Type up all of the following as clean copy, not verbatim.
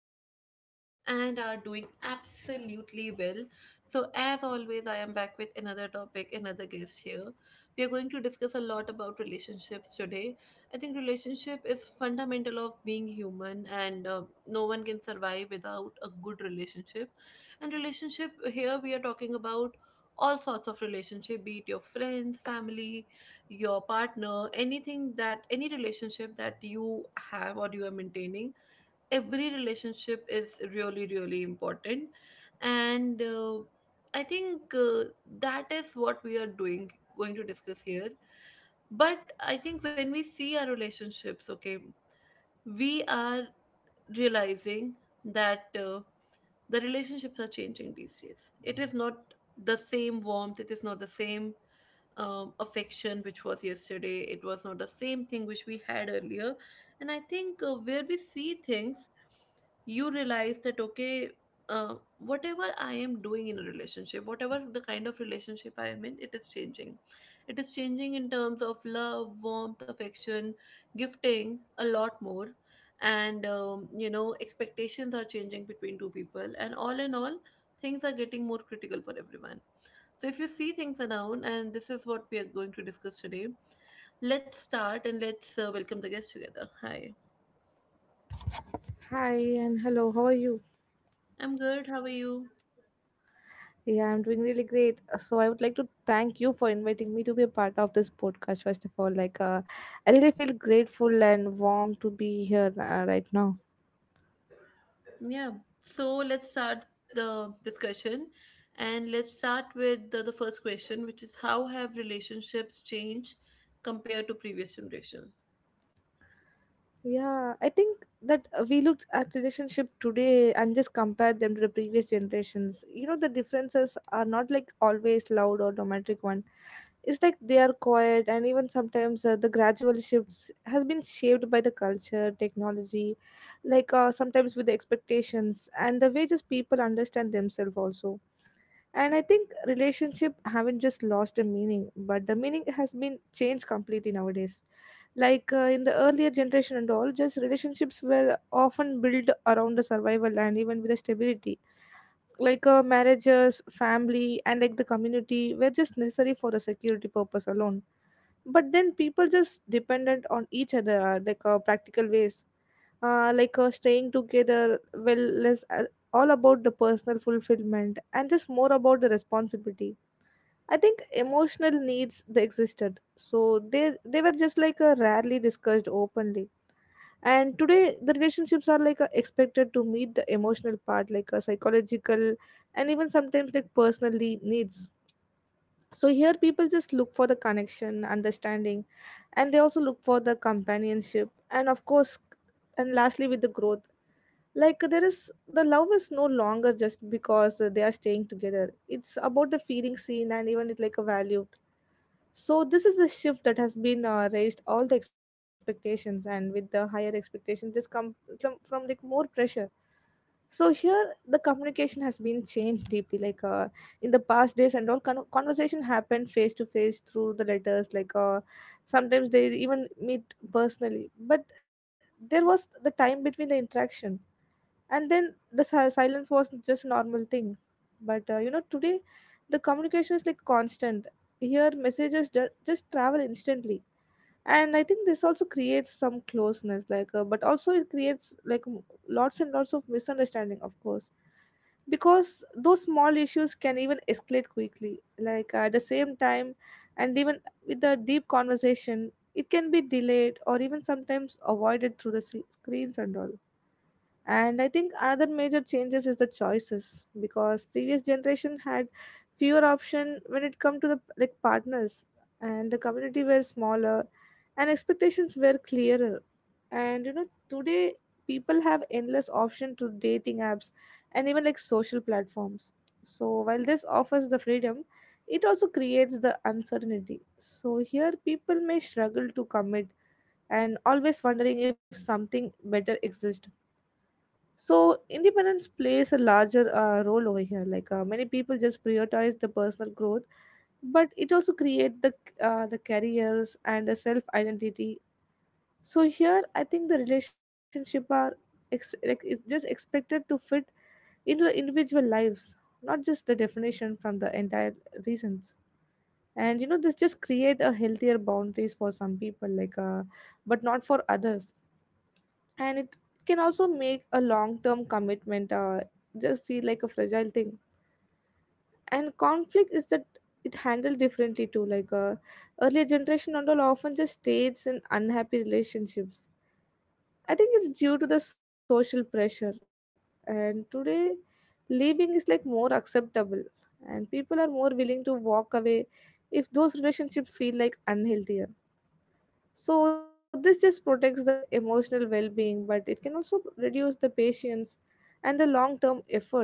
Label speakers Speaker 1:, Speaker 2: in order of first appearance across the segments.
Speaker 1: places and are doing absolutely well. So, as always, I am back with another topic, another guest here. We are going to discuss a lot about relationships today. I think relationship is fundamental of being human, and no one can survive without a good relationship. And relationship here we are talking about all sorts of relationship, be it your friends, family, your partner, anything that any relationship that you have or you are maintaining, every relationship is really, really important. And I think That is what we are doing, going to discuss here. But I think when we see our relationships, okay, we are realizing that the relationships are changing these days. It is not the same warmth, it is not the same affection, which was yesterday. It was not the same thing which we had earlier. And I think where we see things, you realize that, okay, whatever I am doing in a relationship, whatever the kind of relationship I am in, it is changing. It is changing in terms of love, warmth, affection, gifting a lot more. And expectations are changing between two people, and all in all, things are getting more critical for everyone. So, if you see, things are noun, and this is what we are going to discuss today. Let's start and let's welcome the guests together. Hi,
Speaker 2: Hi and hello, how are you?
Speaker 1: I'm good. How are you?
Speaker 2: Yeah, I'm doing really great. So I would like to thank you for inviting me to be a part of this podcast. First of all, like I really feel grateful and warm to be here right now.
Speaker 1: Yeah. So, let's start the discussion, and let's start with the first question, which is how have relationships changed compared to previous generation?
Speaker 2: Yeah, I think that we looked at relationship today and just compared them to the previous generations. You know, the differences are not like always loud or dramatic one. It's like they are quiet, and even sometimes the gradual shifts has been shaped by the culture, technology, like sometimes with the expectations and the way just people understand themselves also. And I think relationship haven't just lost the meaning, but the meaning has been changed completely nowadays, like in the earlier generation and all just relationships were often built around the survival and even with the stability, like marriages family and like the community were just necessary for the security purpose alone. But then people just dependent on each other like practical ways, like staying together well less all about the personal fulfillment and just more about the responsibility. I think emotional needs they existed, so they were just like rarely discussed openly. And today the relationships are like expected to meet the emotional part like a psychological and even sometimes like personally needs. So here people just look for the connection understanding, and they also look for the companionship, and of course, and lastly with the growth, like there is the love is no longer just because they are staying together. It's about the feeling seen and even it like a valued. So this is the shift that has been raised all the expectations, and with the higher expectations just come from like more pressure. So here the communication has been changed deeply, like in the past days and all conversation happened face to face through the letters, like sometimes they even meet personally. But there was the time between the interaction, and then the silence was just a normal thing. But you know today the communication is like constant. Here messages just travel instantly. And I think this also creates some closeness, like but also it creates like lots and lots of misunderstanding, of course, because those small issues can even escalate quickly, like at the same time. And even with the deep conversation it can be delayed or even sometimes avoided through the screens and all. And I think another major changes is the choices, because previous generation had fewer option when it come to the like partners. And the community were smaller and expectations were clearer. And you know today, people have endless option to dating apps and even like social platforms. So while this offers the freedom, it also creates the uncertainty. So here people may struggle to commit and always wondering if something better exists. So independence plays a larger role over here. Like many people just prioritize the personal growth, but it also create the careers and the self identity. So here, I think the relationship are like is just expected to fit into the individual lives, not just the definition from the entire reasons. And you know, this just create a healthier boundaries for some people, like but not for others, and it can also make a long-term commitment just feel like a fragile thing. And conflict is that it handled differently too, like earlier generation and all often just stays in unhappy relationships. I think it's due to the social pressure. And today leaving is like more acceptable, and people are more willing to walk away if those relationships feel like unhealthier. So this just protects the emotional well-being, but it can also reduce the patience and the long term effort.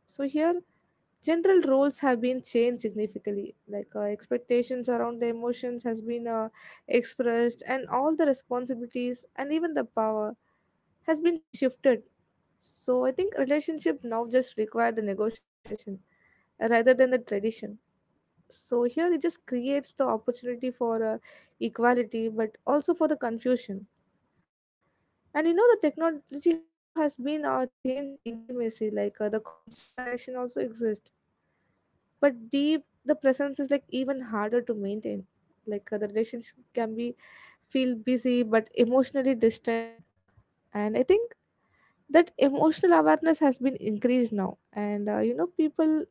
Speaker 2: So here general roles have been changed significantly, like expectations around the emotions has been expressed, and all the responsibilities and even the power has been shifted. So I think relationship now just require the negotiation rather than the tradition. So here it just creates the opportunity for equality, but also for the confusion. And you know the technology has been changed intimacy, like the constant connection also exists, but deep the presence is like even harder to maintain. Like the relationship can be feel busy but emotionally distant. And I think that emotional awareness has been increased now, and you know people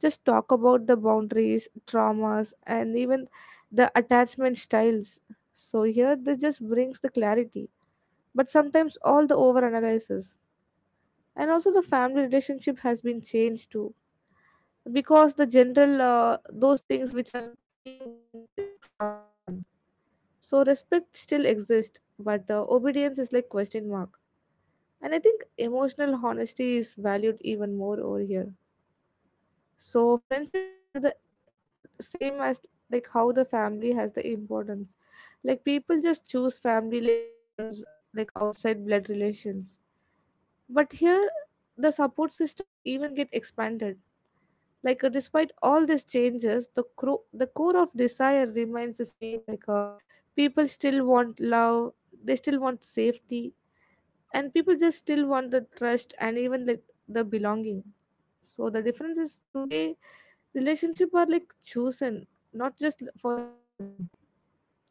Speaker 2: just talk about the boundaries traumas and even the attachment styles. So here this just brings the clarity, but sometimes all the over analysis. And also the family relationship has been changed too, because the general those things which are even going in a softer one. So respect still exists, but obedience is like question mark. And I think emotional honesty is valued even more over here. So friendships have the same as like how the family has the importance. Like people just choose family like bonds, like outside blood relations. But here the support system even get expanded. Like despite all these changes the the core of desire remains the same, like people still want love, they still want safety, and people just still want the trust and even like the belonging. So the difference is today relationship are like chosen, not just for the requirement,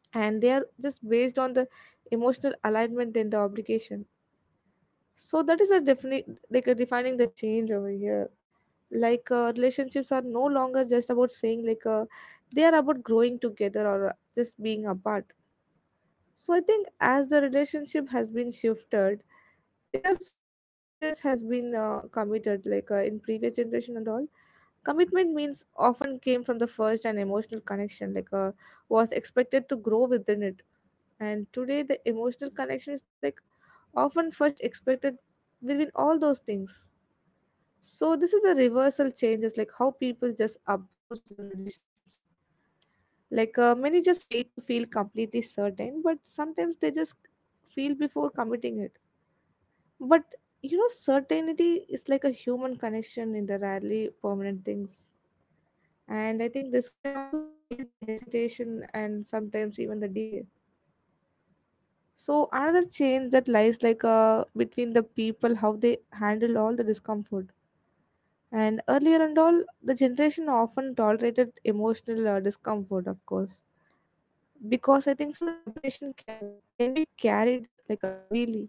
Speaker 2: and they are just based on the emotional alignment and the obligation. So that is a definite like a defining the change over here. Like relationships are no longer just about saying, like they are about growing together or just being apart. So I think as the relationship has been shifted, there are so many changes has been committed, like in previous generation and all commitment means often came from the first, and emotional connection like was expected to grow within it. And today the emotional connection is like often first expected within all those things. So this is the reversal changes like how people just approach the relationships. Like many just wait to feel completely certain, but sometimes they just feel before committing it. But you know, certainty is like a human connection in the rarely permanent things. And I think this can also create the hesitation and sometimes even the delay. So another change that lies like between the people how they handle all the discomfort. And earlier and all, the generation often tolerated emotional discomfort, of course, because I think so. The separation can be carried like a heavily,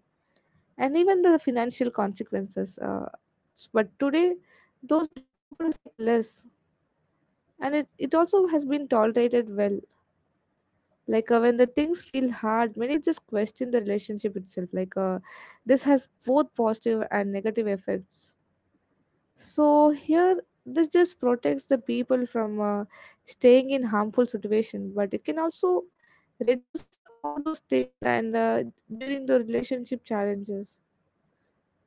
Speaker 2: and even the financial consequences. But today, those discomfort is like less, and it also has been tolerated well. Like when the things feel hard, many people just question the relationship itself. Like this has both positive and negative effects. So here, this just protects the people from staying in harmful situation, but it can also reduce all those things and during the relationship challenges.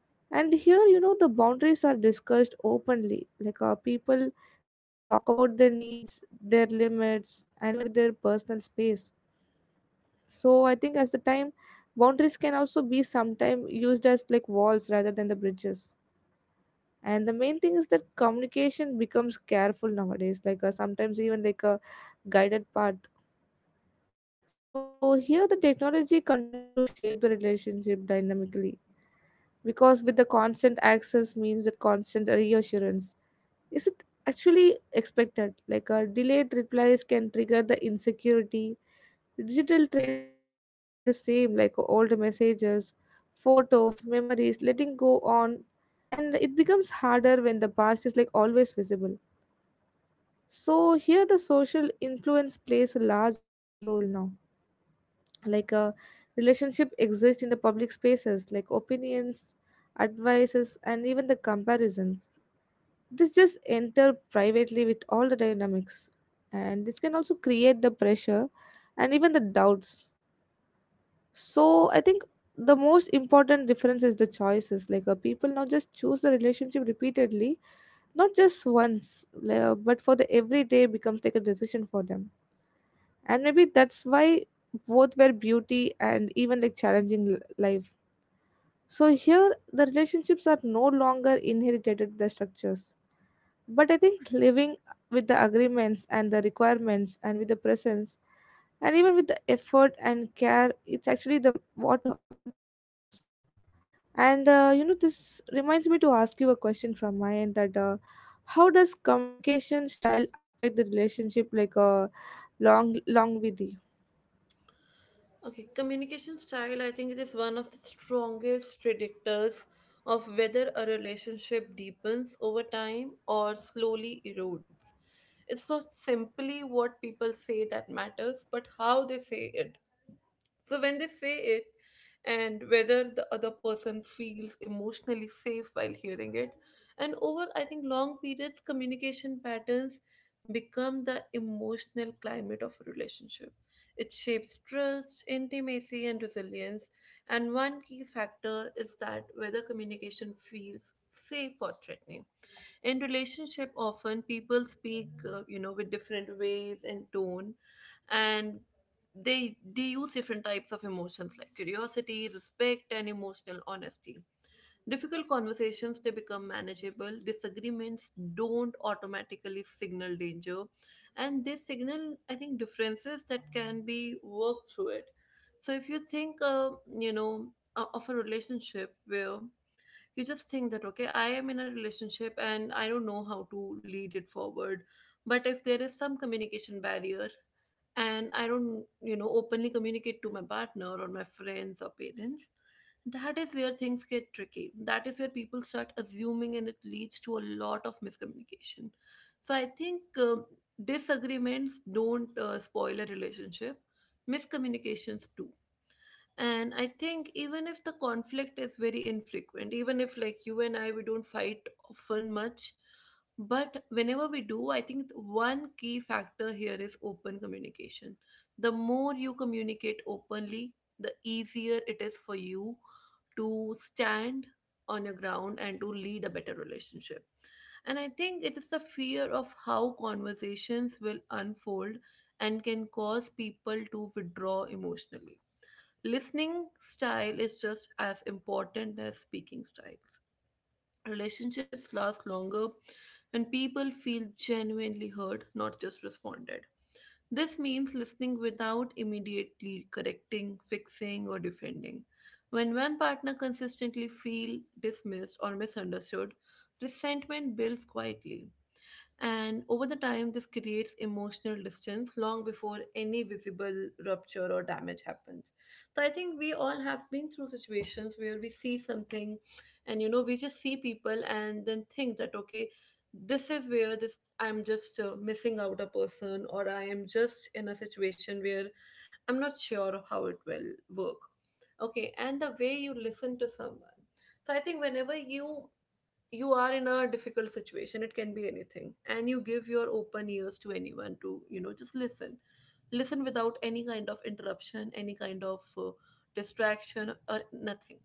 Speaker 2: And here, you know, the boundaries are discussed openly. Like people just talk about their needs, their limits, and even with their personal space. So I think as the time, boundaries can also be sometimes used as like walls rather than the bridges. And the main thing is that communication becomes careful nowadays, like sometimes even like a guided path. So here the technology continues to shape the relationship dynamically, because with the constant access means that constant reassurance is it actually expected, like a delayed replies can trigger the insecurity. Digital traces just remain the same like old messages, photos, memories letting go on, and it becomes harder when the past is like always visible. So here the social influence plays a large role now, like a relationship exists in the public spaces like opinions, advices, and even the comparisons. This just enter privately with all the dynamics, and this can also create the pressure and even the doubts. So I think the most important difference is the choices. Like people now just choose the relationship repeatedly, not just once. But for the everyday becomes like a decision for them. And maybe that's why both were beauty and even like challenging life. So here the relationships are no longer inherited the structures, but I think living with the agreements and the requirements and with the presence and even with the effort and care, it's actually the what how it matters. And you know, this reminds me to ask you a question from my end that how does communication style affect the relationship, like longevity?
Speaker 1: Okay, communication style, I think it is one of the strongest predictors of whether a relationship deepens over time or slowly erodes. It's not simply what people say that matters, but how they say it. So when they say it, and whether the other person feels emotionally safe while hearing it, and over, I think, long periods, communication patterns become the emotional climate of a relationship. It shapes trust, intimacy, and resilience. And one key factor is that whether communication feels safe or threatening. In relationship, often people speak, with different ways and tone, and they use different types of emotions like curiosity, respect, and emotional honesty. Difficult conversations, they become manageable. Disagreements don't automatically signal danger, and they signal, I think, differences that can be worked through it. So if you think, of a relationship where you just think that, okay, I am in a relationship and I don't know how to lead it forward, but if there is some communication barrier and I don't, you know, openly communicate to my partner or my friends or parents, that is where things get tricky. That is where people start assuming, and it leads to a lot of miscommunication. So I think, disagreements don't spoil a relationship, miscommunications do. And I think even if the conflict is very infrequent, even if like you and I, we don't fight often much, but whenever we do, I think one key factor here is open communication. The more you communicate openly, the easier it is for you to stand on your ground and to lead a better relationship. And I think it is the fear of how conversations will unfold and can cause people to withdraw emotionally. Listening style is just as important as speaking styles. Relationships last longer when people feel genuinely heard, not just responded. This means listening without immediately correcting, fixing, or defending. When one partner consistently feel dismissed or misunderstood, resentment builds quietly. And over the time, this creates emotional distance long before any visible rupture or damage happens. So I think we all have been through situations where we see something, and, you know, we just see people and then think that, okay, this is where this I'm just missing out a person, or I am just in a situation where I'm not sure of how it will work. Okay, and the way you listen to someone. So I think whenever you are in a difficult situation, it can be anything, and you give your open ears to anyone to, you know, just listen without any kind of interruption, any kind of distraction or nothing.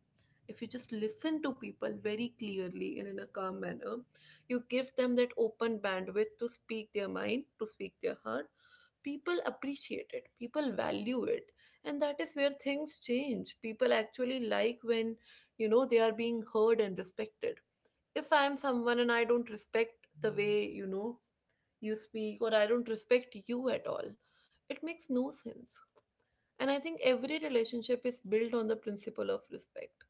Speaker 1: If you just listen to people very clearly and in a calm manner, you give them that open bandwidth to speak their mind, to speak their heart. People appreciate it, people value it. And that is where things change. People actually like when, you know, they are being heard and respected. If I am someone and I don't respect the way, you know, you speak, or I don't respect you at all, it makes no sense. And I think every relationship is built on the principle of respect.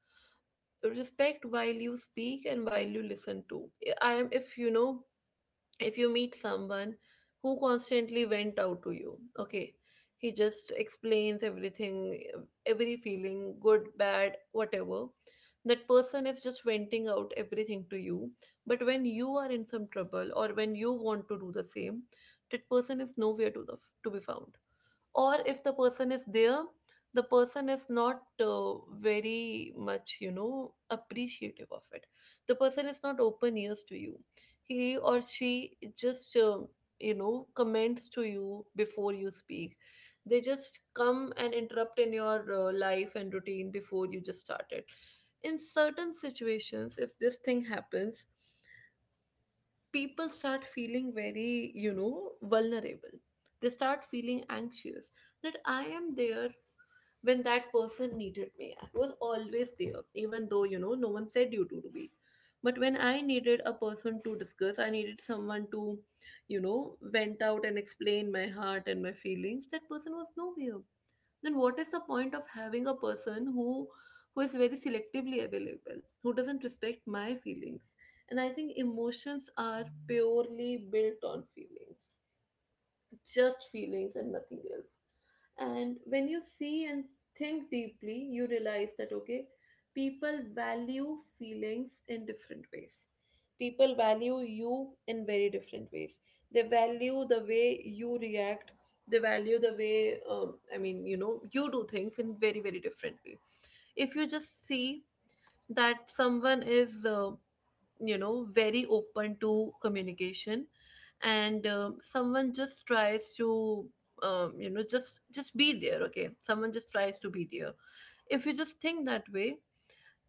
Speaker 1: Respect while you speak and while you listen to. I am, if you know, if you meet someone who constantly went out to you, okay, he just explains everything, every feeling, good, bad, whatever. That person is just venting out everything to you. But when you are in some trouble or when you want to do the same, that person is nowhere to be found. Or if the person is there, the person is not very much, you know, appreciative of it. The person is not open ears to you. He or she just, comments to you before you speak. They just come and interrupt in your life and routine before you just start it. In certain situations, if this thing happens, people start feeling very, you know, vulnerable. They start feeling anxious that I am there when that person needed me. I was always there, even though, you know, no one said you to be. But when I needed a person to discuss, I needed someone to, you know, vent out and explain my heart and my feelings, that person was nowhere. Then what is the point of having a person who is very selectively available, who doesn't respect my feelings? And I think emotions are purely built on feelings, just feelings and nothing else. And when you see and think deeply, you realize that, okay, people value feelings in different ways. People value you in very different ways. They value the way you react. They value the way, you do things in very, very different way. If you just see that someone is, very open to communication, and someone just tries to, just be there, okay, someone just tries to be there. If you just think that way,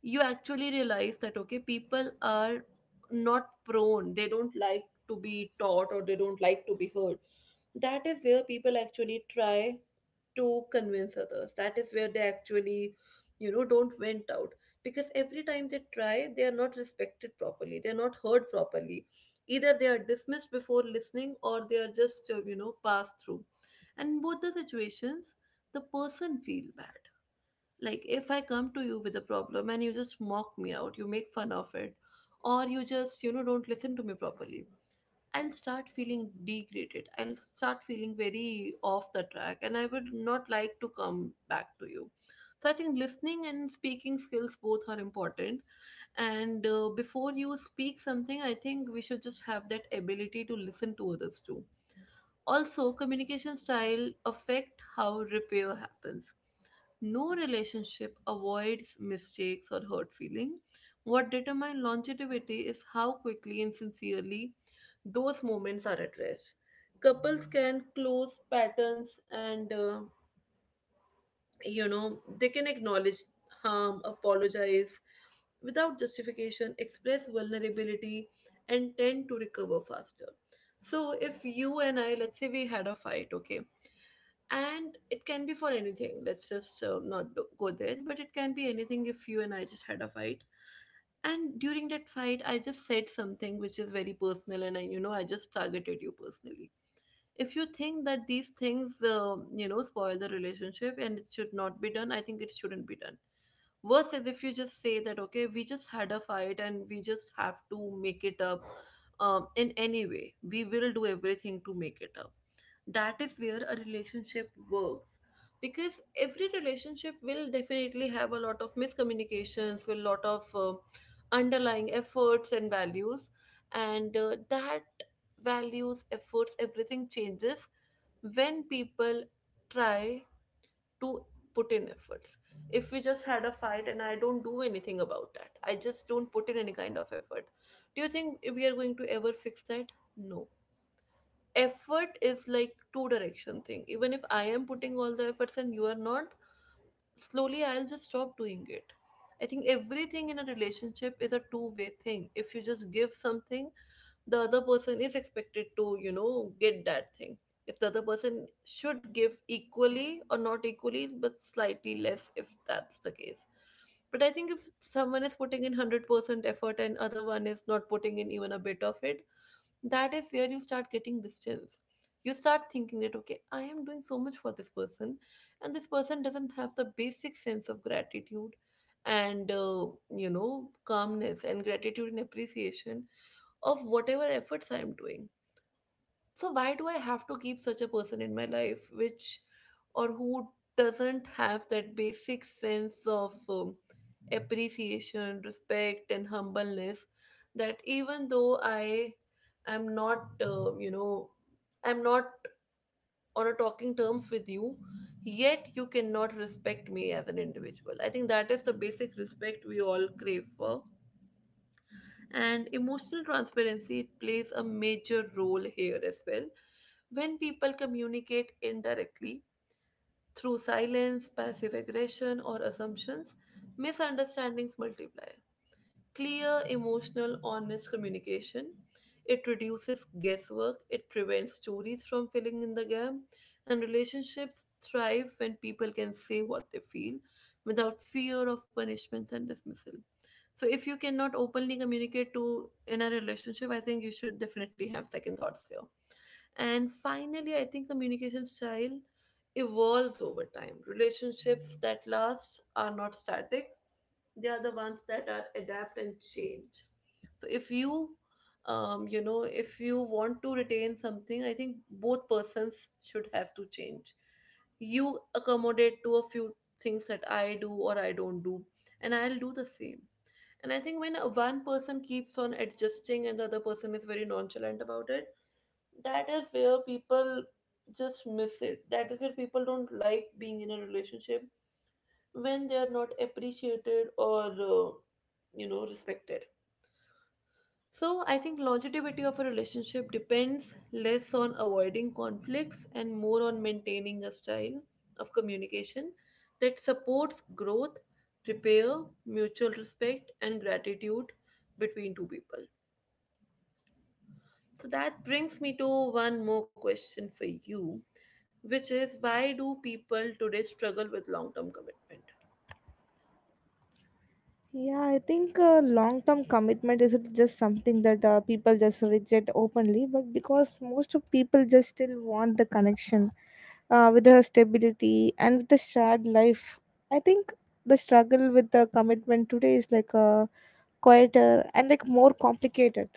Speaker 1: you actually realize that, okay, people are not prone, they don't like to be taught, or they don't like to be heard. That is where people actually try to convince others. That is where they actually, you know, don't vent out, because every time they try, they are not respected properly. They are not heard properly. Either they are dismissed before listening, or they are just, passed through. And in both the situations, the person feel bad. Like if I come to you with a problem and you just mock me out, you make fun of it, or you just, you know, don't listen to me properly, I'll start feeling degraded. I'll start feeling very off the track, and I would not like to come back to you. So I think listening and speaking skills both are important. And before you speak something, I think we should just have that ability to listen to others too. Also, communication style affect how repair happens. No relationship avoids mistakes or hurt feeling. What determines longevity is how quickly and sincerely those moments are addressed. Couples can close patterns, and you know, they can acknowledge harm, apologize without justification, express vulnerability, and tend to recover faster. So if you and I, let's say we had a fight, okay, and it can be for anything, let's just not do- go there, but it can be anything. If you and I just had a fight, and during that fight I just said something which is very personal and I you know, I just targeted you personally, if you think that these things, you know, spoil the relationship, and it should not be done. I think it shouldn't be done. Worse is if you just say that, okay, we just had a fight and we just have to make it up, in any way we will do everything to make it up. That is where a relationship works, because every relationship will definitely have a lot of miscommunications with a lot of underlying efforts and values. And that values, efforts, everything changes when people try to put in efforts. If we just had a fight and I don't do anything about that, I just don't put in any kind of effort. Do you think we are going to ever fix that? No. Effort is like two direction thing. Even if I am putting all the efforts and you are not, slowly I'll just stop doing it. I think everything in a relationship is a two-way thing. If you just give something, the other person is expected to get that thing if the other person should give equally or not equally but slightly less if that's the case, but I think if someone is putting in 100% effort and other one is not putting in even a bit of it, that is where you start getting distance. You start thinking that, okay, I am doing so much for this person and this person doesn't have the basic sense of gratitude, and calmness and gratitude and appreciation of whatever efforts I'm doing. So why do I have to keep such a person in my life, which or who doesn't have that basic sense of appreciation, respect, and humbleness, that even though I am not, I'm not on a talking terms with you, yet you cannot respect me as an individual. I think that is the basic respect we all crave for. And emotional transparency plays a major role here as well. When people communicate indirectly through silence, passive aggression, or assumptions, misunderstandings multiply. Clear, emotional, honest communication: it reduces guesswork, it prevents stories from filling in the gap, and relationships thrive when people can say what they feel without fear of punishment and dismissal. So, if you cannot openly communicate to in a relationship, I think you should definitely have second thoughts here. And finally, I think communication style evolves over time. Relationships that last are not static, they are the ones that are adapt and change. So if you you know if you want to retain something, I think both persons should have to change. You accommodate to a few things that I do or I don't do, and I'll do the same. And I think when one person keeps on adjusting and the other person is very nonchalant about it, that is where people just miss it. That is where people don't like being in a relationship when they are not appreciated or respected. So I think longevity of a relationship depends less on avoiding conflicts and more on maintaining a style of communication that supports growth, repair, mutual respect, and gratitude between two people. So that brings me to one more question for you, which is why do people today struggle with long term commitment?
Speaker 2: Yeah, I think long-term commitment isn't just something that people just reject openly, but because most of people just still want the connection with the stability and with the shared life. I think the struggle with the commitment today is like a quieter and like more complicated,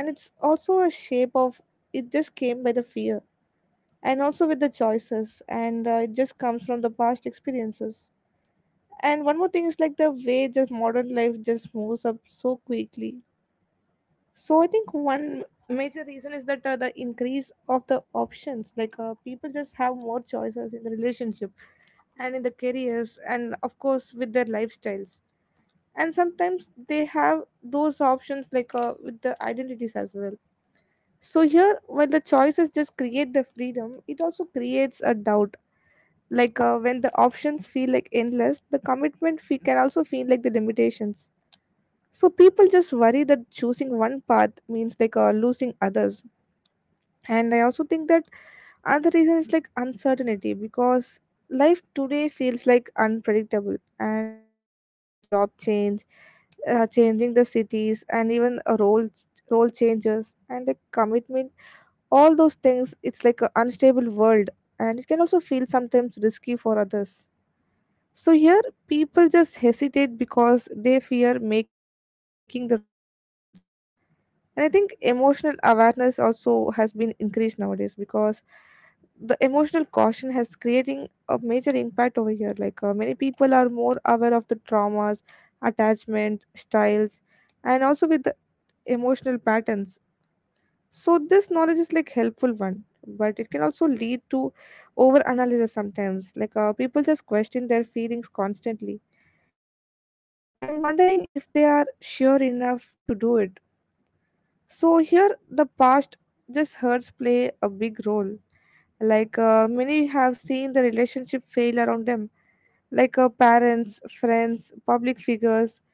Speaker 2: and it's also a shape of, it just came by the fear and also with the choices, and it just comes from the past experiences. And one more thing is like the way just modern life just moves up so quickly. So I think one major reason is that the increase of the options, like people just have more choices in the relationship and in the careers, and of course with their lifestyles. And sometimes they have those options, like with the identities as well. So here, while the choices just create the freedom, it also creates a doubt. Like when the options feel like endless, the commitment fee can also feel like the limitations. So people just worry that choosing one path means like losing others. And I also think that another reason is like uncertainty, because life today feels like unpredictable, and you know, job change, changing the cities, and even roles, role changes and the commitment, all those things, it's like an unstable world, and it can also feel sometimes risky for others. So here people just hesitate because they fear making the wrong decisions. And I think emotional awareness also has been increased nowadays, because the emotional caution has creating a major impact over here. Like many people are more aware of the traumas, attachment styles, and also with the emotional patterns. So this knowledge is like helpful one, but it can also lead to over analysis sometimes. Like people just question their feelings constantly, and wondering if they are sure enough to do it. So here, the past just hurts play a big role. Like many have seen the relationship fail around them, like parents, friends, public figures,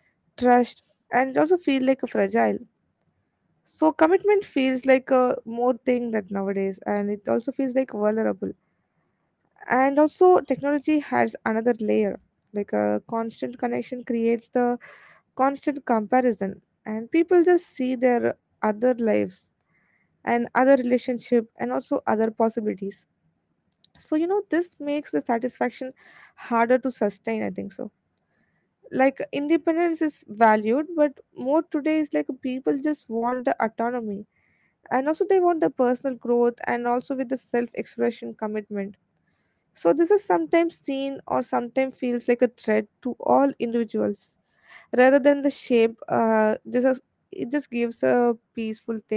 Speaker 2: trust, and also feel like a fragile. So commitment feels like a more thing that nowadays, and it also feels like vulnerable. And also technology has another layer, like a constant connection creates the constant comparison, and people just see their other lives and other relationship and also other possibilities. So you know, this makes the satisfaction harder to sustain, I think so. Like independence is valued, but more today is like people just want the autonomy, and also they want the personal growth and also with the self expression commitment. So this is sometimes seen or sometimes feels like a threat to all individuals rather than the shape. This is, it just gives a peaceful thing.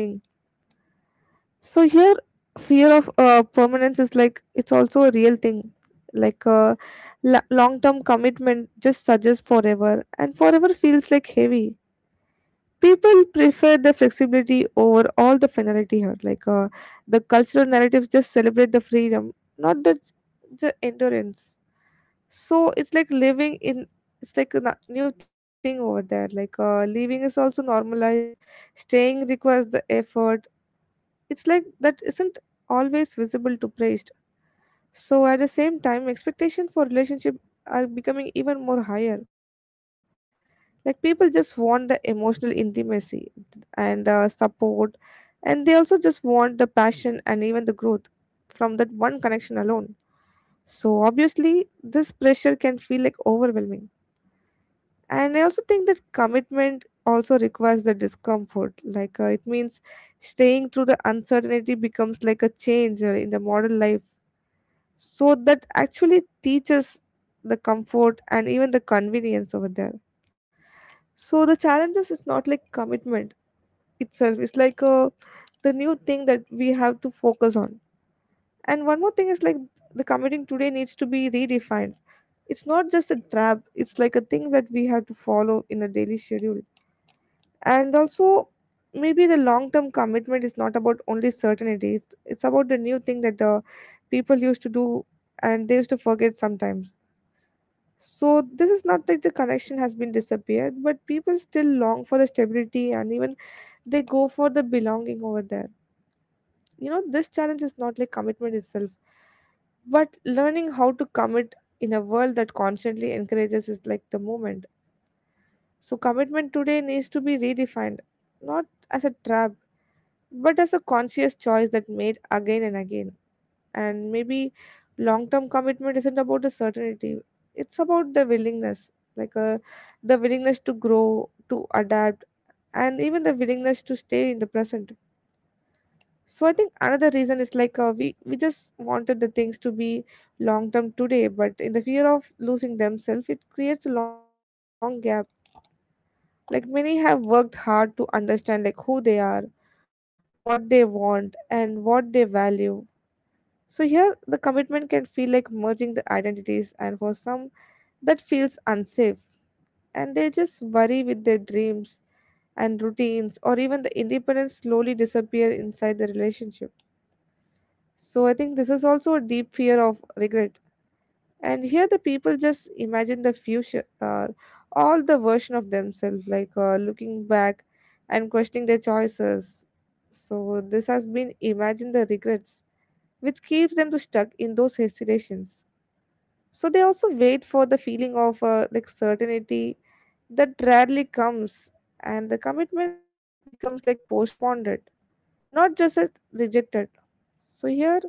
Speaker 2: So here, fear of permanence is like it's also a real thing. Like long-term commitment just suggests forever, and forever feels like heavy. People prefer the flexibility over all the finality here. Like the cultural narratives just celebrate the freedom, not the endurance. So it's like living in, it's like a new thing over there. Like leaving is also normalized. Staying requires the effort, it's like that isn't always visible to praised. So at the same time, expectation for relationship are becoming even more higher. Like people just want the emotional intimacy and support, and they also just want the passion and even the growth from that one connection alone. So obviously, this pressure can feel like overwhelming. And I also think that commitment also requires the discomfort. Like it means staying through the uncertainty becomes like a change in the modern life. So that actually teaches the comfort and even the convenience over there. So the challenges is not like commitment itself, it's like the new thing that we have to focus on. And one more thing is like the committing today needs to be redefined. It's not just a trap, it's like a thing that we have to follow in a daily schedule. And also maybe the long term commitment is not about only certainty, it's about the new thing that the people used to do and they used to forget sometimes. So this is not like the connection has been disappeared, but people still long for the stability and even they go for the belonging over there. You know, this challenge is not like commitment itself, but learning how to commit in a world that constantly encourages is like the moment. So commitment today needs to be redefined, not as a trap, but as a conscious choice that made again and again. And maybe long term commitment isn't about the certainty, it's about the willingness. Like the willingness to grow, to adapt, and even the willingness to stay in the present. So I think another reason is like we just wanted the things to be long term today, but in the fear of losing themselves, it creates a long gap. Like many have worked hard to understand like who they are, what they want, and what they value. So here the commitment can feel like merging the identities, and for some that feels unsafe, and they just worry with their dreams and routines or even the independence slowly disappear inside the relationship. So I think this is also a deep fear of regret. And here the people just imagine the future, all the version of themselves, like looking back and questioning their choices. So this has been imagine the regrets, which keeps them to stuck in those hesitations. So they also wait for the feeling of like certainty that rarely comes, and the commitment becomes like postponed, not just as rejected. So here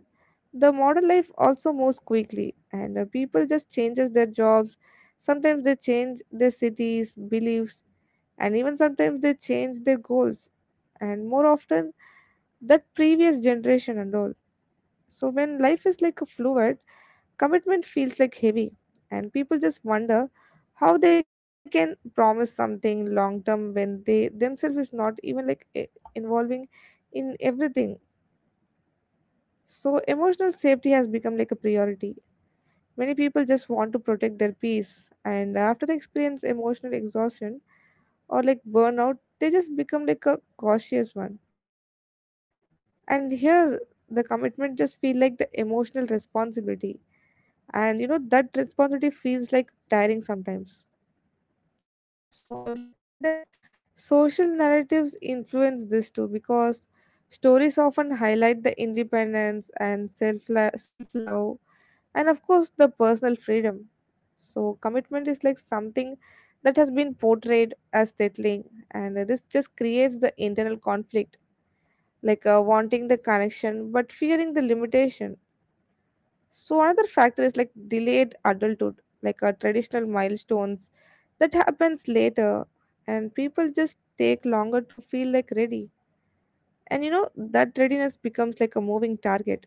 Speaker 2: the modern life also moves quickly, and people just changes their jobs, sometimes they change their cities, beliefs, and even sometimes they change their goals, and more often that previous generation and all. So when life is like a fluid, commitment feels like heavy, and people just wonder how they can promise something long term when they themselves is not even like involving in everything. So emotional safety has become like a priority. Many people just want to protect their peace, and after they experience emotional exhaustion or like burnout, they just become like a cautious one. And here, the commitment just feel like the emotional responsibility, and you know that responsibility feels like tiring sometimes. So I would like to say that social narratives influence this too, because stories often highlight the independence and self love, and of course the personal freedom. So commitment is like something that has been portrayed as settling, and this just creates the internal conflict. Like wanting the connection but fearing the limitation. So another factor is like delayed adulthood, like our traditional milestones that happens later, and people just take longer to feel like ready. And you know that readiness becomes like a moving target.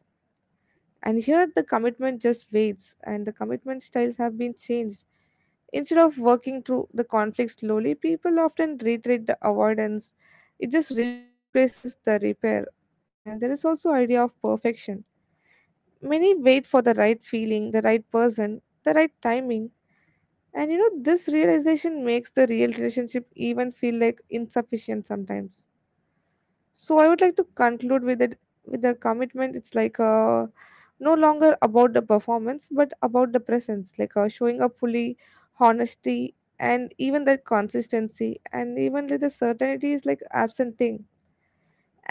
Speaker 2: And here the commitment just waits, and the commitment styles have been changed. Instead of working through the conflict slowly, people often retreat the avoidance. It just replaces the repair. And there is also idea of perfection. Many wait for the right feeling, the right person, the right timing. And you know, this realization makes the real relationship even feel like insufficient sometimes. So I would like to conclude with it, with the commitment. It's like no longer about the performance, but about the presence. Like showing up fully, honesty, and even that consistency, and even like the certainty is like absent thing.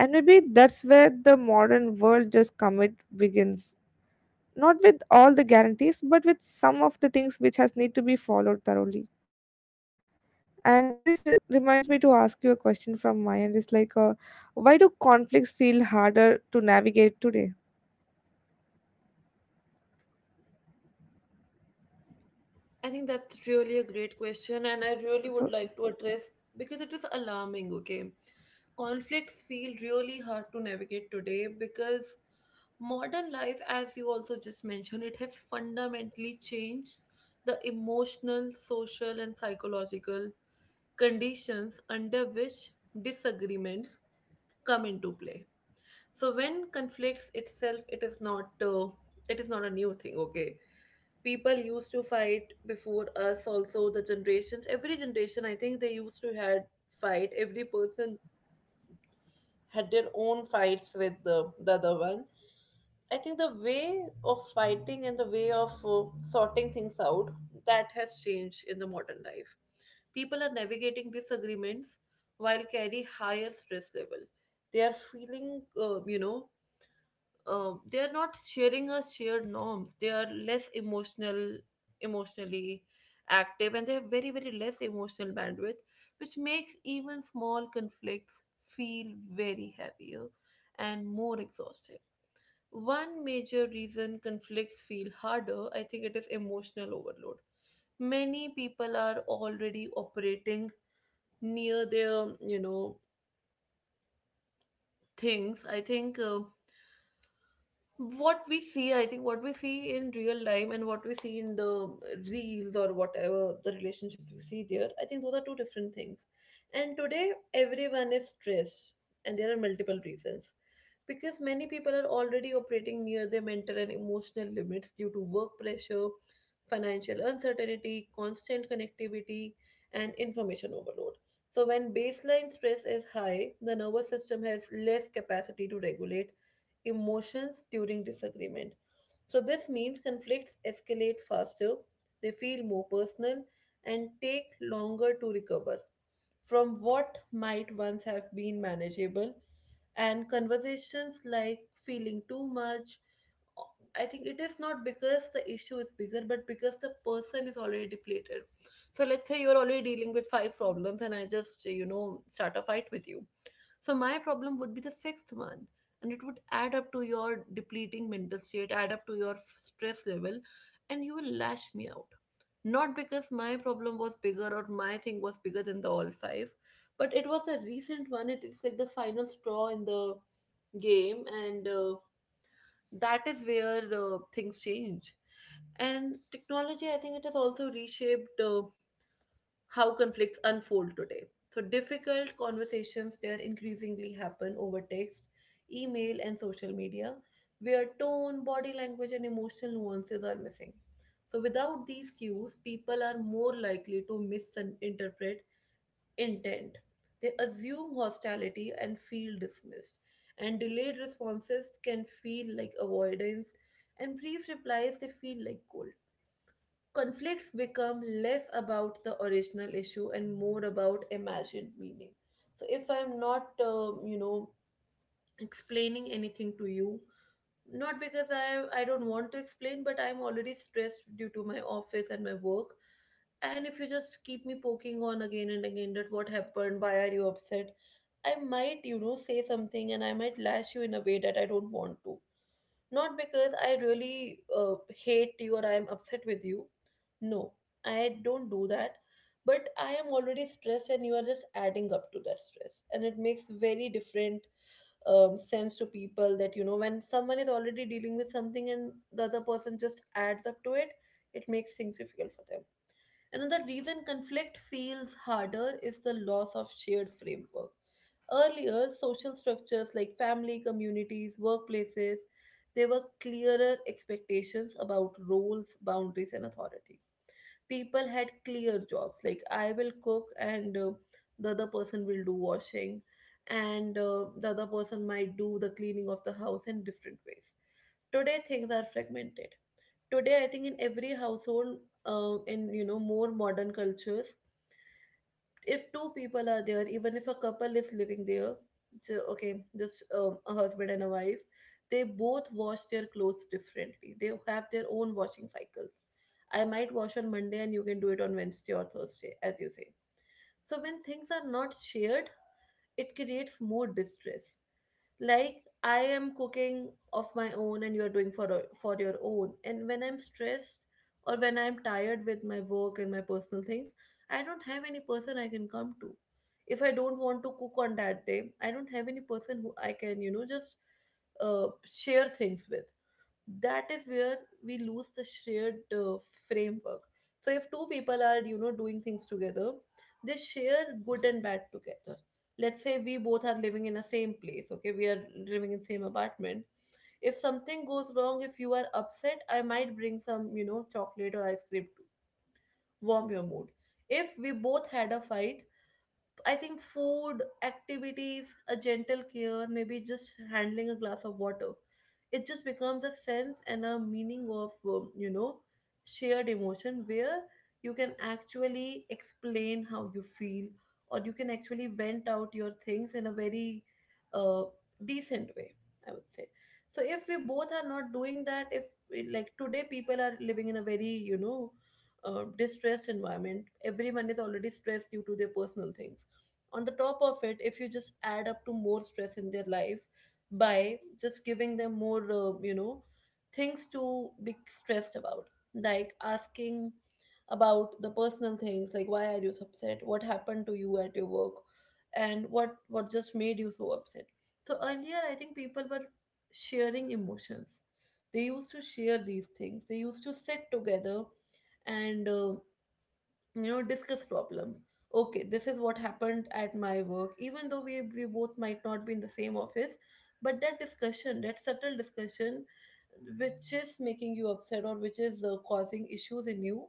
Speaker 2: And maybe that's where the modern world just commit begins, not with all the guarantees but with some of the things which has need to be followed thoroughly. And this reminds me to ask you a question from my end. It's like why do conflicts feel harder to navigate today?
Speaker 1: I think that's really a great question, and I really would
Speaker 2: So
Speaker 1: like to address because it is alarming. Okay, conflicts feel really hard to navigate today because modern life, as you also just mentioned, it has fundamentally changed the emotional, social, and psychological conditions under which disagreements come into play. So when conflicts itself, it is not a new thing. Okay, people used to fight before us also. The generations, every generation, I think they used to had fight. Every person had their own fights with the other one. I think the way of fighting and the way of sorting things out, that has changed in the modern life. People are navigating disagreements while carry higher stress level. They are feeling they are not sharing a shared norms, they are less emotional, emotionally active, and they have very very less emotional bandwidth, which makes even small conflicts feel very heavier and more exhausting. One major reason conflicts feel harder, I think it is emotional overload. Many people are already operating near their things. I think what we see, I think what we see in real time and what we see in the reels or whatever the relationship we see there, I think those are two different things. And today everyone is stressed, and there are multiple reasons, because many people are already operating near their mental and emotional limits due to work pressure, financial uncertainty, constant connectivity, and information overload. So when baseline stress is high, the nervous system has less capacity to regulate emotions during disagreement. So, this means conflicts escalate faster, they feel more personal, and take longer to recover from what might once have been manageable. And conversations like feeling too much, I think it is not because the issue is bigger, but because the person is already depleted. So, let's say you're already dealing with five problems, and I just, start a fight with you, so my problem would be the sixth one, and it would add up to your depleting mental state, add up to your stress level, and you will lash me out. Not because my problem was bigger or my thing was bigger than the all five, but it was a recent one. It is like the final straw in the game, and that is where things change. And technology, I think it has also reshaped how conflicts unfold today. So, difficult conversations there increasingly happen over text, email, and social media, where tone, body language, and emotional nuances are missing. So, without these cues, people are more likely to misinterpret intent. They assume hostility and feel dismissed, and delayed responses can feel like avoidance, and brief replies they feel like cold. Conflicts become less about the original issue and more about imagined meaning. So if I'm not explaining anything to you, not because I don't want to explain, but I'm already stressed due to my office and my work, and if you just keep me poking on again and again that what happened, why are you upset, I might say something, and I might lash you in a way that I don't want to, not because I really hate you or I am upset with you. No, I don't do that. But I am already stressed, and you are just adding up to that stress. And it makes very different sense to people that, when someone is already dealing with something and the other person just adds up to it, it makes things difficult for them. Another reason conflict feels harder is the loss of shared framework. Earlier, social structures like family, communities, workplaces, there were clearer expectations about roles, boundaries, and authority. People had clear jobs, like I will cook and the other person will do washing, and the other person might do the cleaning of the house in different ways. Today, things are fragmented. Today I think in every household, in more modern cultures, if two people are there, even if a couple is living there, so okay, just a husband and a wife, they both wash their clothes differently. They have their own washing cycles. I might wash on Monday and you can do it on Wednesday or Thursday as you say. So when things are not shared, it creates more distress. Like I am cooking of my own and you are doing for your own, and when I'm stressed or when I'm tired with my work and my personal things, I don't have any person I can come to. If I don't want to cook on that day, I don't have any person who I can just share things with. That is where we lose the shared framework. So if two people are doing things together, they share good and bad together. Let's say we both are living in the same place. Okay, we are living in same apartment. If something goes wrong, if you are upset, I might bring some chocolate or ice cream to warm your mood. If we both had a fight, I think food, activities, a gentle care, maybe just handling a glass of water, it just becomes a sense and a meaning of, shared emotion where you can actually explain how you feel or you can actually vent out your things in a very uh, decent way, I would say. So if we both are not doing that, if like today people are living in a very, distressed environment. Everyone is already stressed due to their personal things. On the top of it, if you just add up to more stress in their life by just giving them more things to be stressed about, like asking about the personal things like why are you so upset, what happened to you at your work, and what just made you so upset. So earlier I think people were sharing emotions. They used to share these things, they used to sit together and discuss problems. Okay, this is what happened at my work. Even though we both might not be in the same office, but that discussion, that subtle discussion which is making you upset or which is causing issues in you,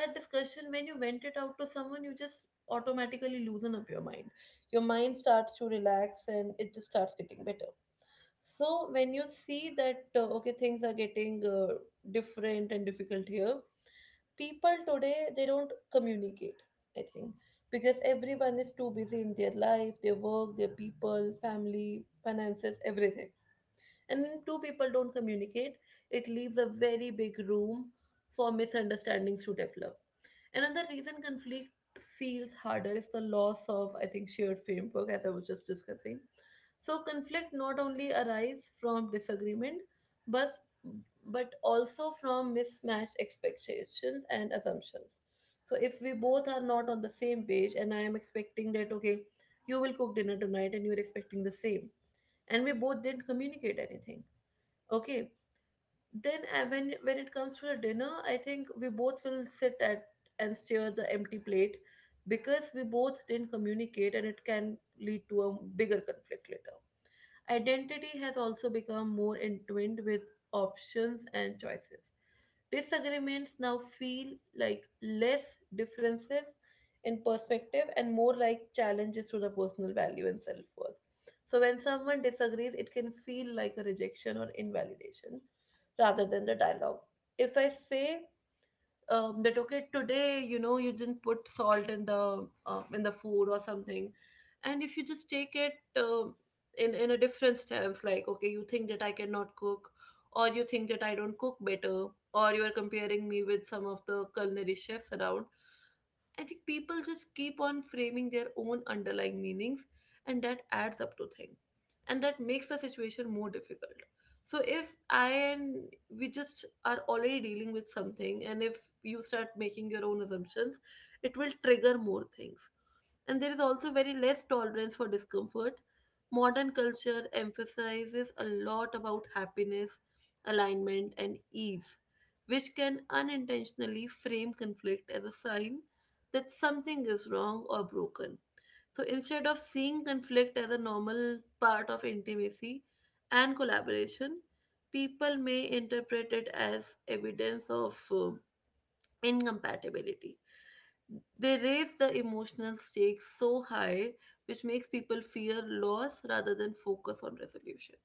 Speaker 1: that discussion, when you vent it out to someone, you just automatically loosen up your mind. Your mind starts to relax and it just starts getting better. So when you see that, okay, things are getting different and difficult here. People today, they don't communicate, I think, because everyone is too busy in their life, their work, their people, family, finances, everything. And when two people don't communicate, it leaves a very big room for misunderstandings to develop. Another reason conflict feels harder is the loss of, I think, shared framework, as I was just discussing. So conflict not only arise from disagreement, but but also from mismatched expectations and assumptions. So if we both are not on the same page, and I am expecting that, okay, you will cook dinner tonight, and you are expecting the same, and we both didn't communicate anything, okay, then when it comes to the dinner, I think we both will sit at and stare the empty plate, because we both didn't communicate, and it can lead to a bigger conflict later. Identity has also become more entwined with options and choices. Disagreements now feel like less differences in perspective and more like challenges to the personal value and self worth. So, when someone disagrees, it can feel like a rejection or invalidation rather than the dialogue. If I say, that okay, today you didn't put salt in the food or something, and if you just take it in a different stance, like, okay, you think that I cannot cook, or you think that I don't cook better, or you are comparing me with some of the culinary chefs around. I think people just keep on framing their own underlying meanings, and that adds up to things, and that makes the situation more difficult. So if I and we just are already dealing with something, and if you start making your own assumptions, it will trigger more things. And there is also very less tolerance for discomfort. Modern culture emphasizes a lot about happiness, alignment, and ease, which can unintentionally frame conflict as a sign that something is wrong or broken. So instead of seeing conflict as a normal part of intimacy and collaboration, people may interpret it as evidence of incompatibility. They raise the emotional stakes so high, which makes people fear loss rather than focus on resolution.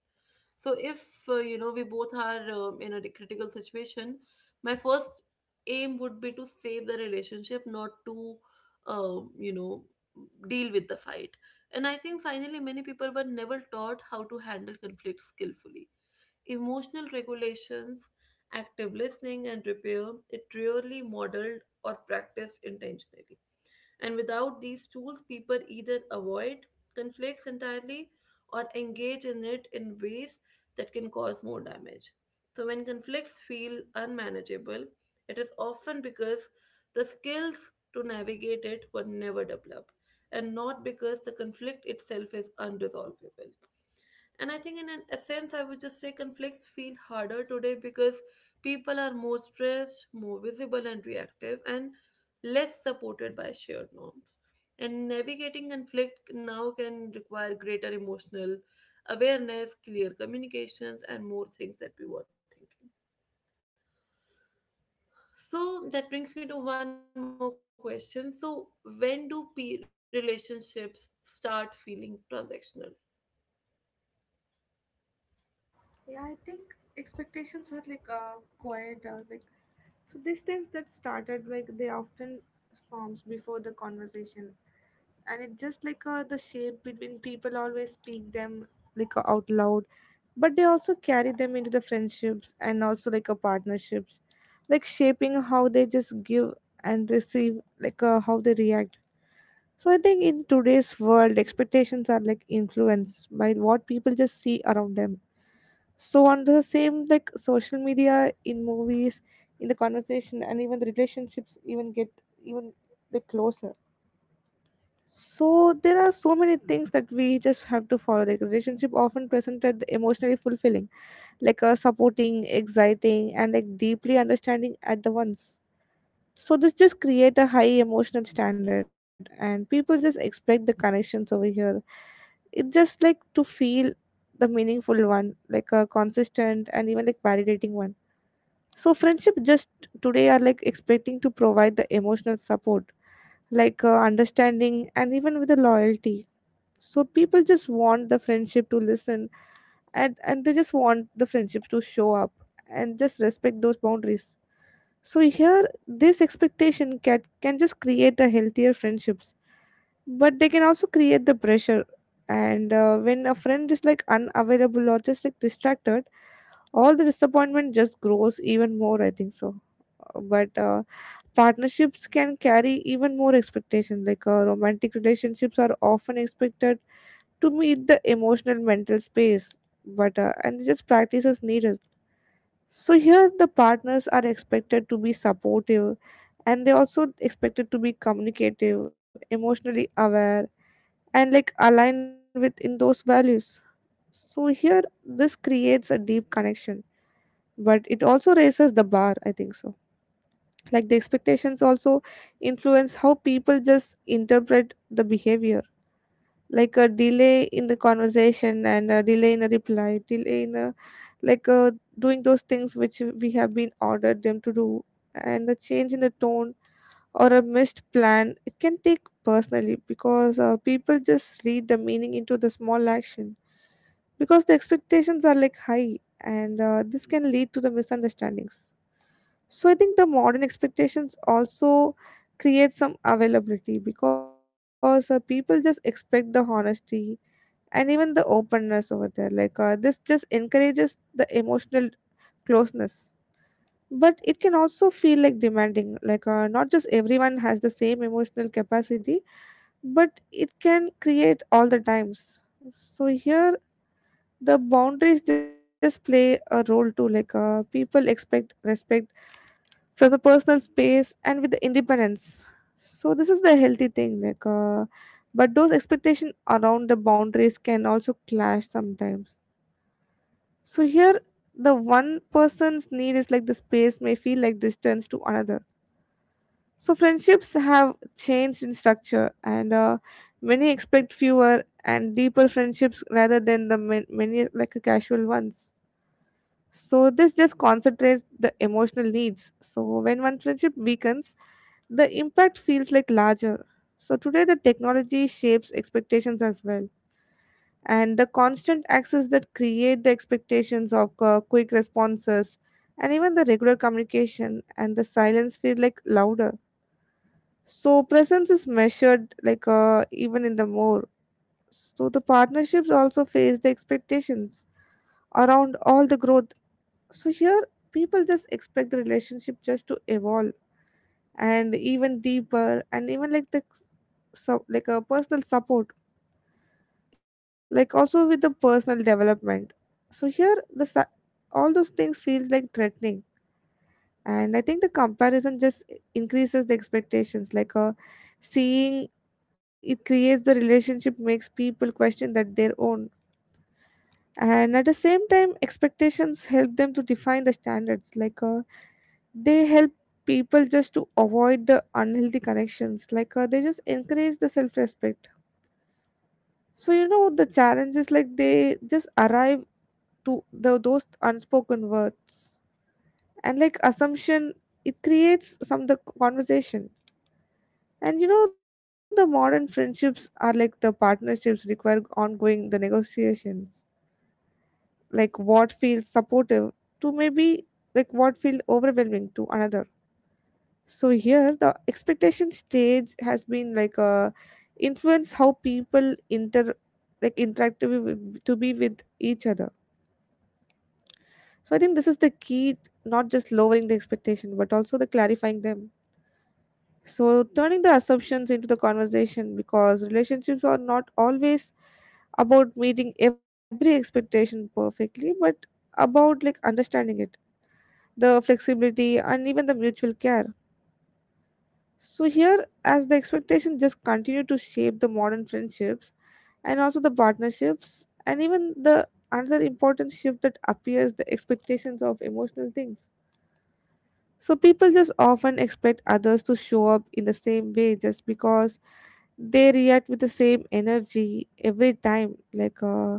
Speaker 1: So if we both are in a critical situation, my first aim would be to save the relationship, not to um, you know deal with the fight. And I think finally many people were never taught how to handle conflict skillfully. Emotional regulations, active listening, and repair, it rarely modeled or practiced intentionally. And without these tools, people either avoid conflicts entirely or engage in it in ways that can cause more damage. So, when conflicts feel unmanageable, it is often because the skills to navigate it were never developed and not because the conflict itself is unresolvable. And I think, in an essence, I would just say conflicts feel harder today because people are more stressed, more visible and reactive, and less supported by shared norms. And navigating conflict now can require greater emotional awareness, clear communications, and more things that we were thinking. So that brings me to one more question. So, when do relationships start feeling transactional?
Speaker 2: yeah, I think expectations are like quiet. Like, so these things that started like they often forms before the conversation, and it just like the shape between people always speak them, like out loud, but they also carry them into the friendships and also like a partnerships, like shaping how they just give and receive, like how they react. So I think in today's world, expectations are like influenced by what people just see around them. So on the same like social media, in movies, in the conversation, and even the relationships even get, even like closer. So there are so many things that we just have to follow. Like relationship often presented emotionally fulfilling, like supporting, exciting, and like deeply understanding at the once. So this just create a high emotional standard, and people just expect the connections over here. It's just like to feel the meaningful one, like a consistent and even like validating one. So friendship just today are like expecting to provide the emotional support, like understanding and even with the loyalty. So people just want the friendship to listen and they just want the friendship to show up and just respect those boundaries. So here this expectation can just create the healthier friendships, but they can also create the pressure. And When a friend is like unavailable or just like distracted, all the disappointment just grows even more, I think so, but partnerships can carry even more expectation, romantic relationships are often expected to meet the emotional mental space, but and just practices needed. So here the partners are expected to be supportive, and they also expected to be communicative, emotionally aware, and like aligned with in those values. So here this creates a deep connection, but it also raises the bar, I think so. Like the expectations also influence how people just interpret the behavior. Like a delay in the conversation and a delay in a reply, delay in a, like uh doing those things which we have been ordered them to do, and a change in the tone or a missed plan. It can take personally because people just read the meaning into the small action because the expectations are like high, and this can lead to the misunderstandings. So I think the modern expectations also create some availability because people just expect the honesty and even the openness over there. This just encourages the emotional closeness. But it can also feel like demanding, not just everyone has the same emotional capacity, but it can create all the times. So here, the boundaries just play a role too. People expect respect from the personal space and with the independence. So this is the healthy thing, but those expectations around the boundaries can also clash sometimes. So here the one person's need is like the space may feel like distance to another. So friendships have changed in structure, and many expect fewer and deeper friendships rather than the many casual ones. So this just concentrates the emotional needs. So when one friendship weakens, the impact feels like larger. So today the technology shapes expectations as well. And the constant access that create the expectations of quick responses and even the regular communication, and the silence feel like louder. So presence is measured even in the more. So the partnerships also face the expectations around all the growth. So here people just expect the relationship just to evolve and even deeper and even like the, so like a personal support, like also with the personal development. So here the all those things feels like threatening. And I think the comparison just increases the expectations, seeing it creates the relationship makes people question that their own. And at the same time expectations help them to define the standards, they help people just to avoid the unhealthy connections, they just encourage the self-respect. So you know the challenge is like they just arrive to the those unspoken words and like assumption. It creates some the conversation. And you know the modern friendships are like the partnerships require ongoing the negotiations, like what feels supportive to maybe, like what feels overwhelming to another. So here the expectation stage has been like a influence how people inter, like interact to be with each other. So I think this is the key, not just lowering the expectation but also the clarifying them. So turning the assumptions into the conversation, because relationships are not always about meeting every expectation perfectly, but about like understanding it, the flexibility and even the mutual care. So here, as the expectation just continue to shape the modern friendships and also the partnerships and even the, another important shift that appears the expectations of emotional things. So people just often expect others to show up in the same way just because they react with the same energy every time.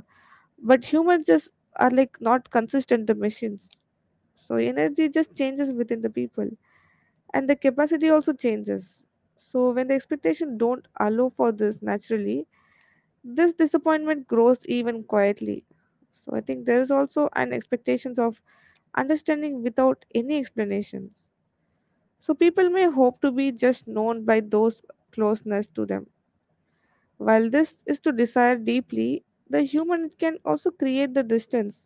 Speaker 2: But humans just are like not consistent the machines. So energy just changes within the people and the capacity also changes. So when the expectation don't allow for this naturally, this disappointment grows even quietly. So I think there is also an expectations of understanding without any explanations. So people may hope to be just known by those closeness to them. While this is to desire deeply, the human can also create the distance,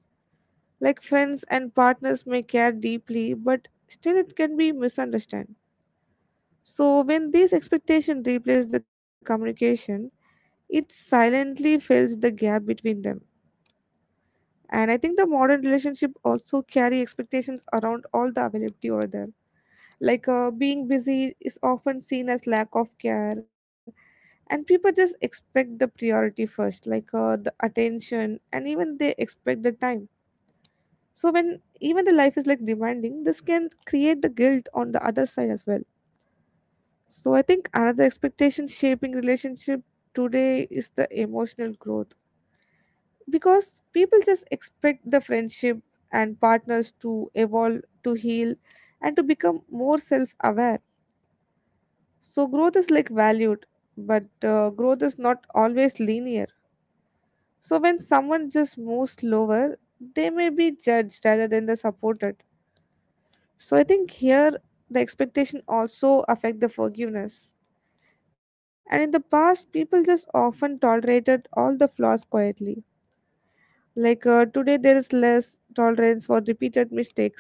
Speaker 2: like friends and partners may care deeply but still it can be misunderstood. So, when these expectations replace the communication, it silently fills the gap between them. And I think the modern relationship also carry expectations around all the availability over there. Being busy is often seen as lack of care, and people just expect the priority first, the attention, and even they expect the time. So when even the life is like demanding, this can create the guilt on the other side as well. So I think another expectation shaping relationship today is the emotional growth, because people just expect the friendship and partners to evolve, to heal, and to become more self-aware. So growth is like valued, but growth is not always linear. So when someone just moves slower, they may be judged rather than the supported. So I think here the expectation also affect the forgiveness. And in the past, people just often tolerated all the flaws quietly. Today, there is less tolerance for repeated mistakes.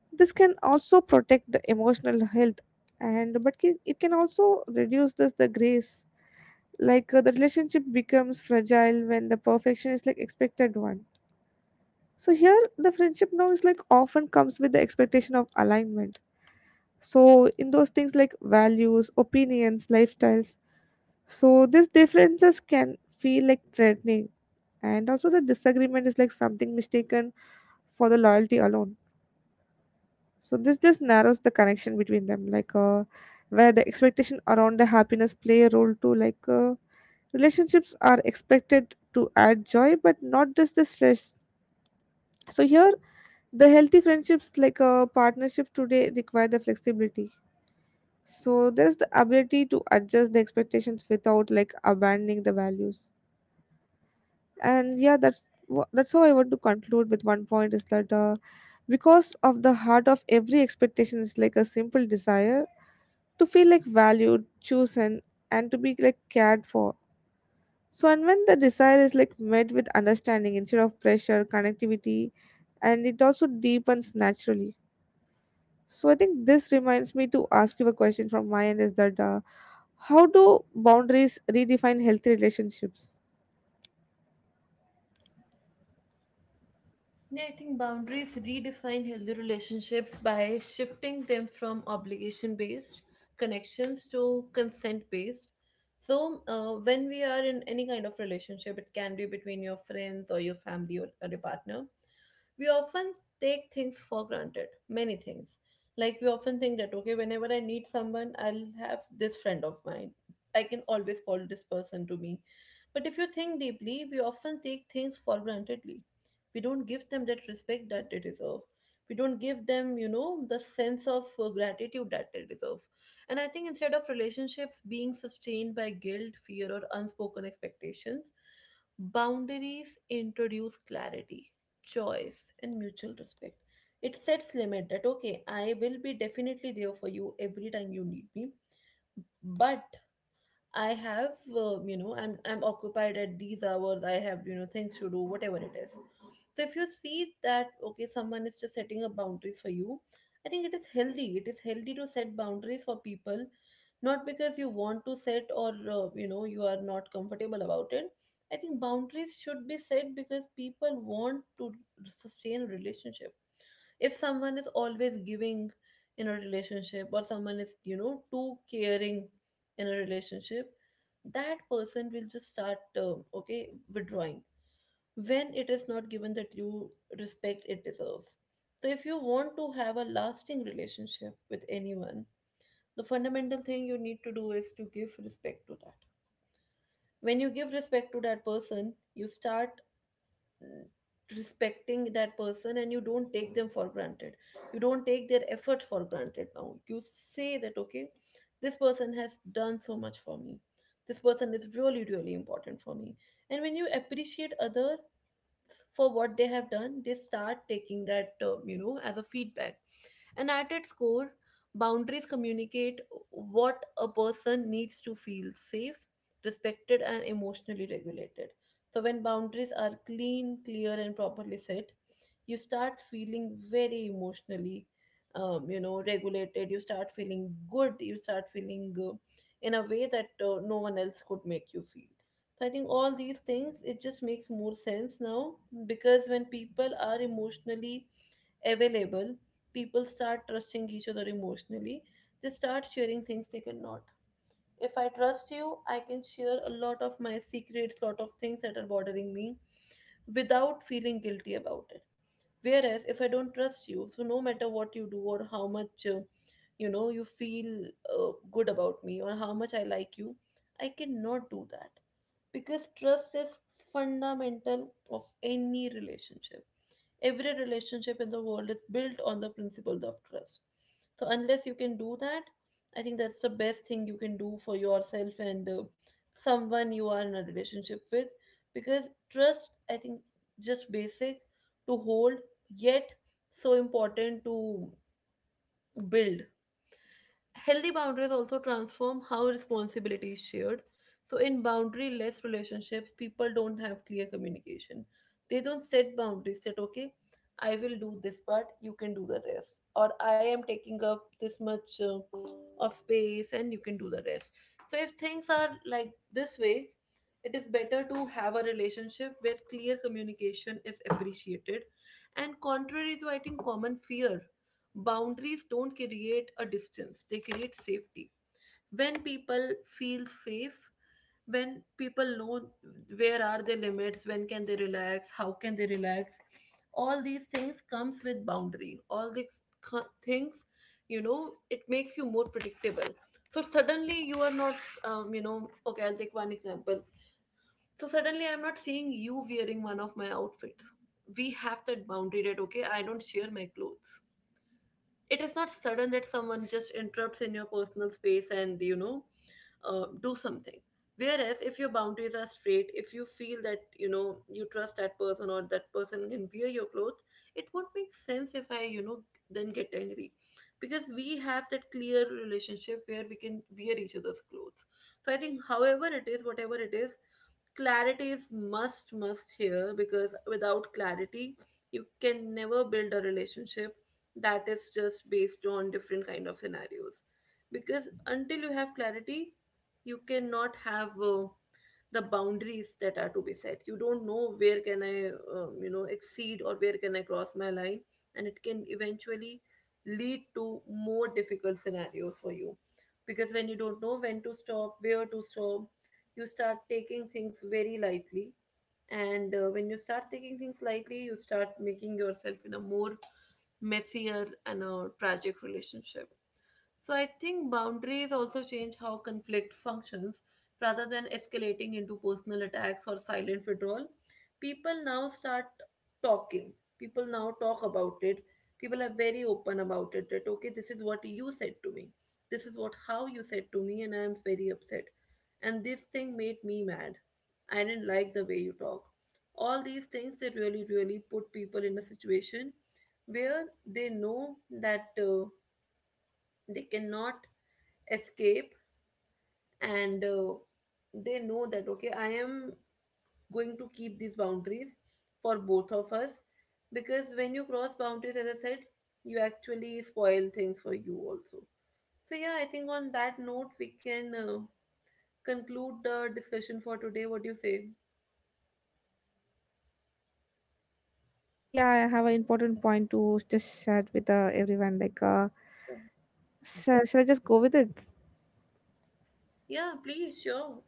Speaker 2: This can also protect the emotional health, and but it can also reduce this the grace. The relationship becomes fragile when the perfection is like expected one. So here, the friendship now is like often comes with the expectation of alignment. So in those things like values, opinions, lifestyles. So these differences can feel like threatening, and also the disagreement is like something mistaken for the loyalty alone. So this just narrows the connection between them, where the expectation around the happiness play a role too. Relationships are expected to add joy, but not just the stress. So here, the healthy friendships partnerships today require the flexibility. So there is the ability to adjust the expectations without like abandoning the values. And yeah, that's how I want to conclude with one point is that because of the heart of every expectation is like a simple desire to feel like valued, chosen, and to be like cared for. So and when the desire is like met with understanding instead of pressure, connectivity and it also deepens naturally. So I think this reminds me to ask you a question from my end is that how do boundaries redefine healthy relationships?
Speaker 1: Yeah, I think boundaries redefine healthy relationships by shifting them from obligation based connections to consent based. So, when we are in any kind of relationship, it can be between your friends or your family, or your partner, we often take things for granted, many things. Like, we often think that, okay, whenever I need someone, I'll have this friend of mine. I can always call this person to me. But if you think deeply, we often take things for grantedly. We don't give them that respect that they deserve. We don't give them, you know, the sense of gratitude that they deserve. And I think instead of relationships being sustained by guilt, fear, or unspoken expectations, boundaries introduce clarity, choice, and mutual respect. It sets limit that, okay, I will be definitely there for you every time you need me, but I have, you know, I'm occupied at these hours. I have, you know, things to do, whatever it is. So if you see that, okay, someone is just setting up boundaries for you, I think it is healthy. It is healthy to set boundaries for people, not because you want to set, or you know, you are not comfortable about it. I think boundaries should be set because people want to sustain relationships. If someone is always giving in a relationship, or someone is, you know, too caring in a relationship, that person will just start okay, withdrawing when it is not given that you respect it deserves. So if you want to have a lasting relationship with anyone, the fundamental thing you need to do is to give respect to that. When you give respect to that person, you start respecting that person, and you don't take them for granted. You don't take their efforts for granted. Now you say that, okay, this person has done so much for me, this person is really really important for me. And when you appreciate others for what they have done, they start taking that, you know, as a feedback. And at its core, boundaries communicate what a person needs to feel safe, respected, and emotionally regulated. So, when boundaries are clean, clear, and properly set, you start feeling very emotionally, you know, regulated. You start feeling good, you start feeling in a way that no one else could make you feel. So I think all these things, it just makes more sense now, because when people are emotionally available, people start trusting each other emotionally. They start sharing things they cannot. If I trust you, I can share a lot of my secrets, lot of things that are bothering me without feeling guilty about it. Whereas if I don't trust you, so no matter what you do or how much, you know, you feel good about me or how much I like you, I cannot do that, because trust is fundamental of any relationship. Every relationship in the world is built on the principle of trust. So unless you can do that, I think that's the best thing you can do for yourself and someone you are in a relationship with, because trust, I think, just basic to hold, yet so important to build. Healthy boundaries also transform how responsibility is shared. So, in boundary less relationships, people don't have clear communication. They don't set boundaries that, okay, I will do this part, you can do the rest. Or I am taking up this much of space and you can do the rest. So, if things are like this way, it is better to have a relationship where clear communication is appreciated. And contrary to, I think, common fear, boundaries don't create a distance, they create safety. When people feel safe, when people know where are their limits, when can they relax, how can they relax, all these things comes with boundary. All these things, you know, it makes you more predictable. So suddenly you are not, you know, okay, I'll take one example. So suddenly I'm not seeing you wearing one of my outfits. We have that boundary that, okay, I don't share my clothes. It is not sudden that someone just interrupts in your personal space and, you know, do something. Whereas if your boundaries are straight, if you feel that, you know, you trust that person or that person can wear your clothes, it won't make sense if I, you know, then get angry, because we have that clear relationship where we can wear each other's clothes. So I think however it is, whatever it is, clarity is must here, because without clarity you can never build a relationship that is just based on different kind of scenarios. Because until you have clarity, you cannot have the boundaries that are to be set. You don't know where can I, you know, exceed or where can I cross my line, and it can eventually lead to more difficult scenarios for you. Because when you don't know when to stop, where to stop, you start taking things very lightly, and when you start taking things lightly, you start making yourself in a more messier and a tragic relationship. So I think boundaries also change how conflict functions, rather than escalating into personal attacks or silent withdrawal. People now start talking. People now talk about it. People are very open about it that, okay, this is what you said to me. This is what how you said to me, and I am very upset. And this thing made me mad. I didn't like the way you talk. All these things, they really, really put people in a situation where they know that they cannot escape, and they know that, okay, I am going to keep these boundaries for both of us, because when you cross boundaries, as I said, you actually spoil things for you also. So yeah, I think on that note we can conclude the discussion for today. What do you say?
Speaker 2: Yeah, I have an important point to just share with everyone.
Speaker 1: Sure.
Speaker 2: Shall I just go with it?
Speaker 1: Yeah, please, sure.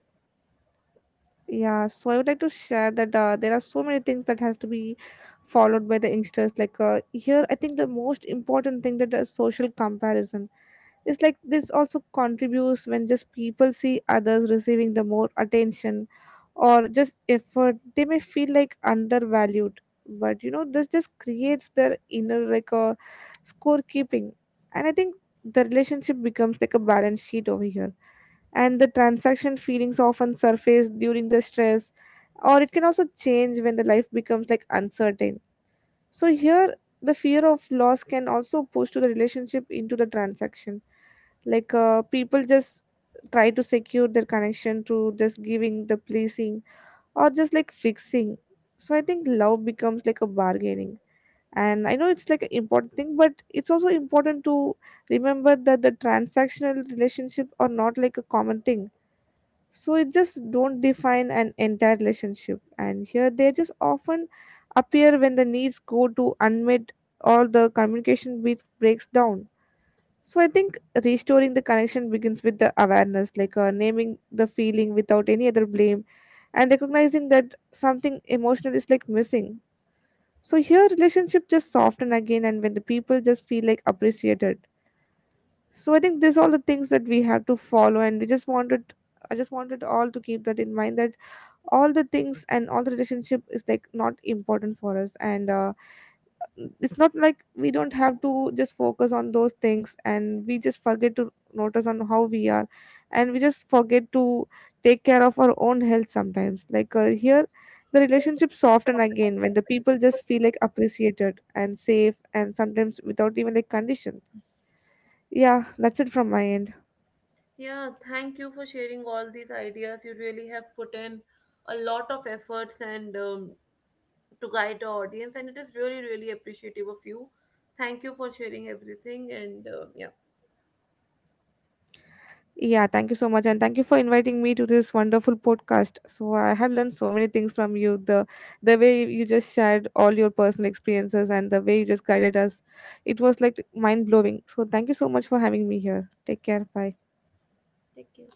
Speaker 2: Yeah. So I would like to share that there are so many things that has to be followed by the youngsters. Here, I think the most important thing that is social comparison. It's like this also contributes when just people see others receiving the more attention or just effort they may feel like undervalued. But you know this just creates their inner like a scorekeeping. And I think the relationship becomes like a balance sheet over here, and the transaction feelings often surface during the stress or it can also change when the life becomes like uncertain. So here the fear of loss can also push to the relationship into the transaction, people just try to secure their connection to just giving the pleasing or just like fixing. So I think love becomes like a bargaining. And I know it's like an important thing, but it's also important to remember that the transactional relationship are not like a common thing. So it just don't define an entire relationship, and here they just often appear when the needs go to unmet or the communication breaks down. So I think restoring the connection begins with the awareness, naming the feeling without any other blame and recognizing that something emotional is like missing. So here relationship just soften again and when the people just feel like appreciated. So I think these all the things that we have to follow and we just wanted I just wanted all to keep that in mind that all the things and all the relationship is like not important for us, and it's not like we don't have to just focus on those things and we just forget to notice on how we are and we just forget to take care of our own health sometimes, here the
Speaker 1: So
Speaker 2: relationship soften again when the people
Speaker 1: like.
Speaker 2: just feel like appreciated and safe and sometimes without even like conditions. Yeah, that's it from my end.
Speaker 1: Yeah, thank you for sharing all these ideas. You really have put in a lot of efforts and, to guide the audience, and it is really really appreciative of you. Thank you for sharing everything, and yeah,
Speaker 2: Yeah, thank you so much. And thank you for inviting me to this wonderful podcast. So I have learned so many things from you. The way you just shared all your personal experiences and the way you just guided us. It was like mind blowing. So thank you so much for having me here. Take care. Bye.
Speaker 1: take care.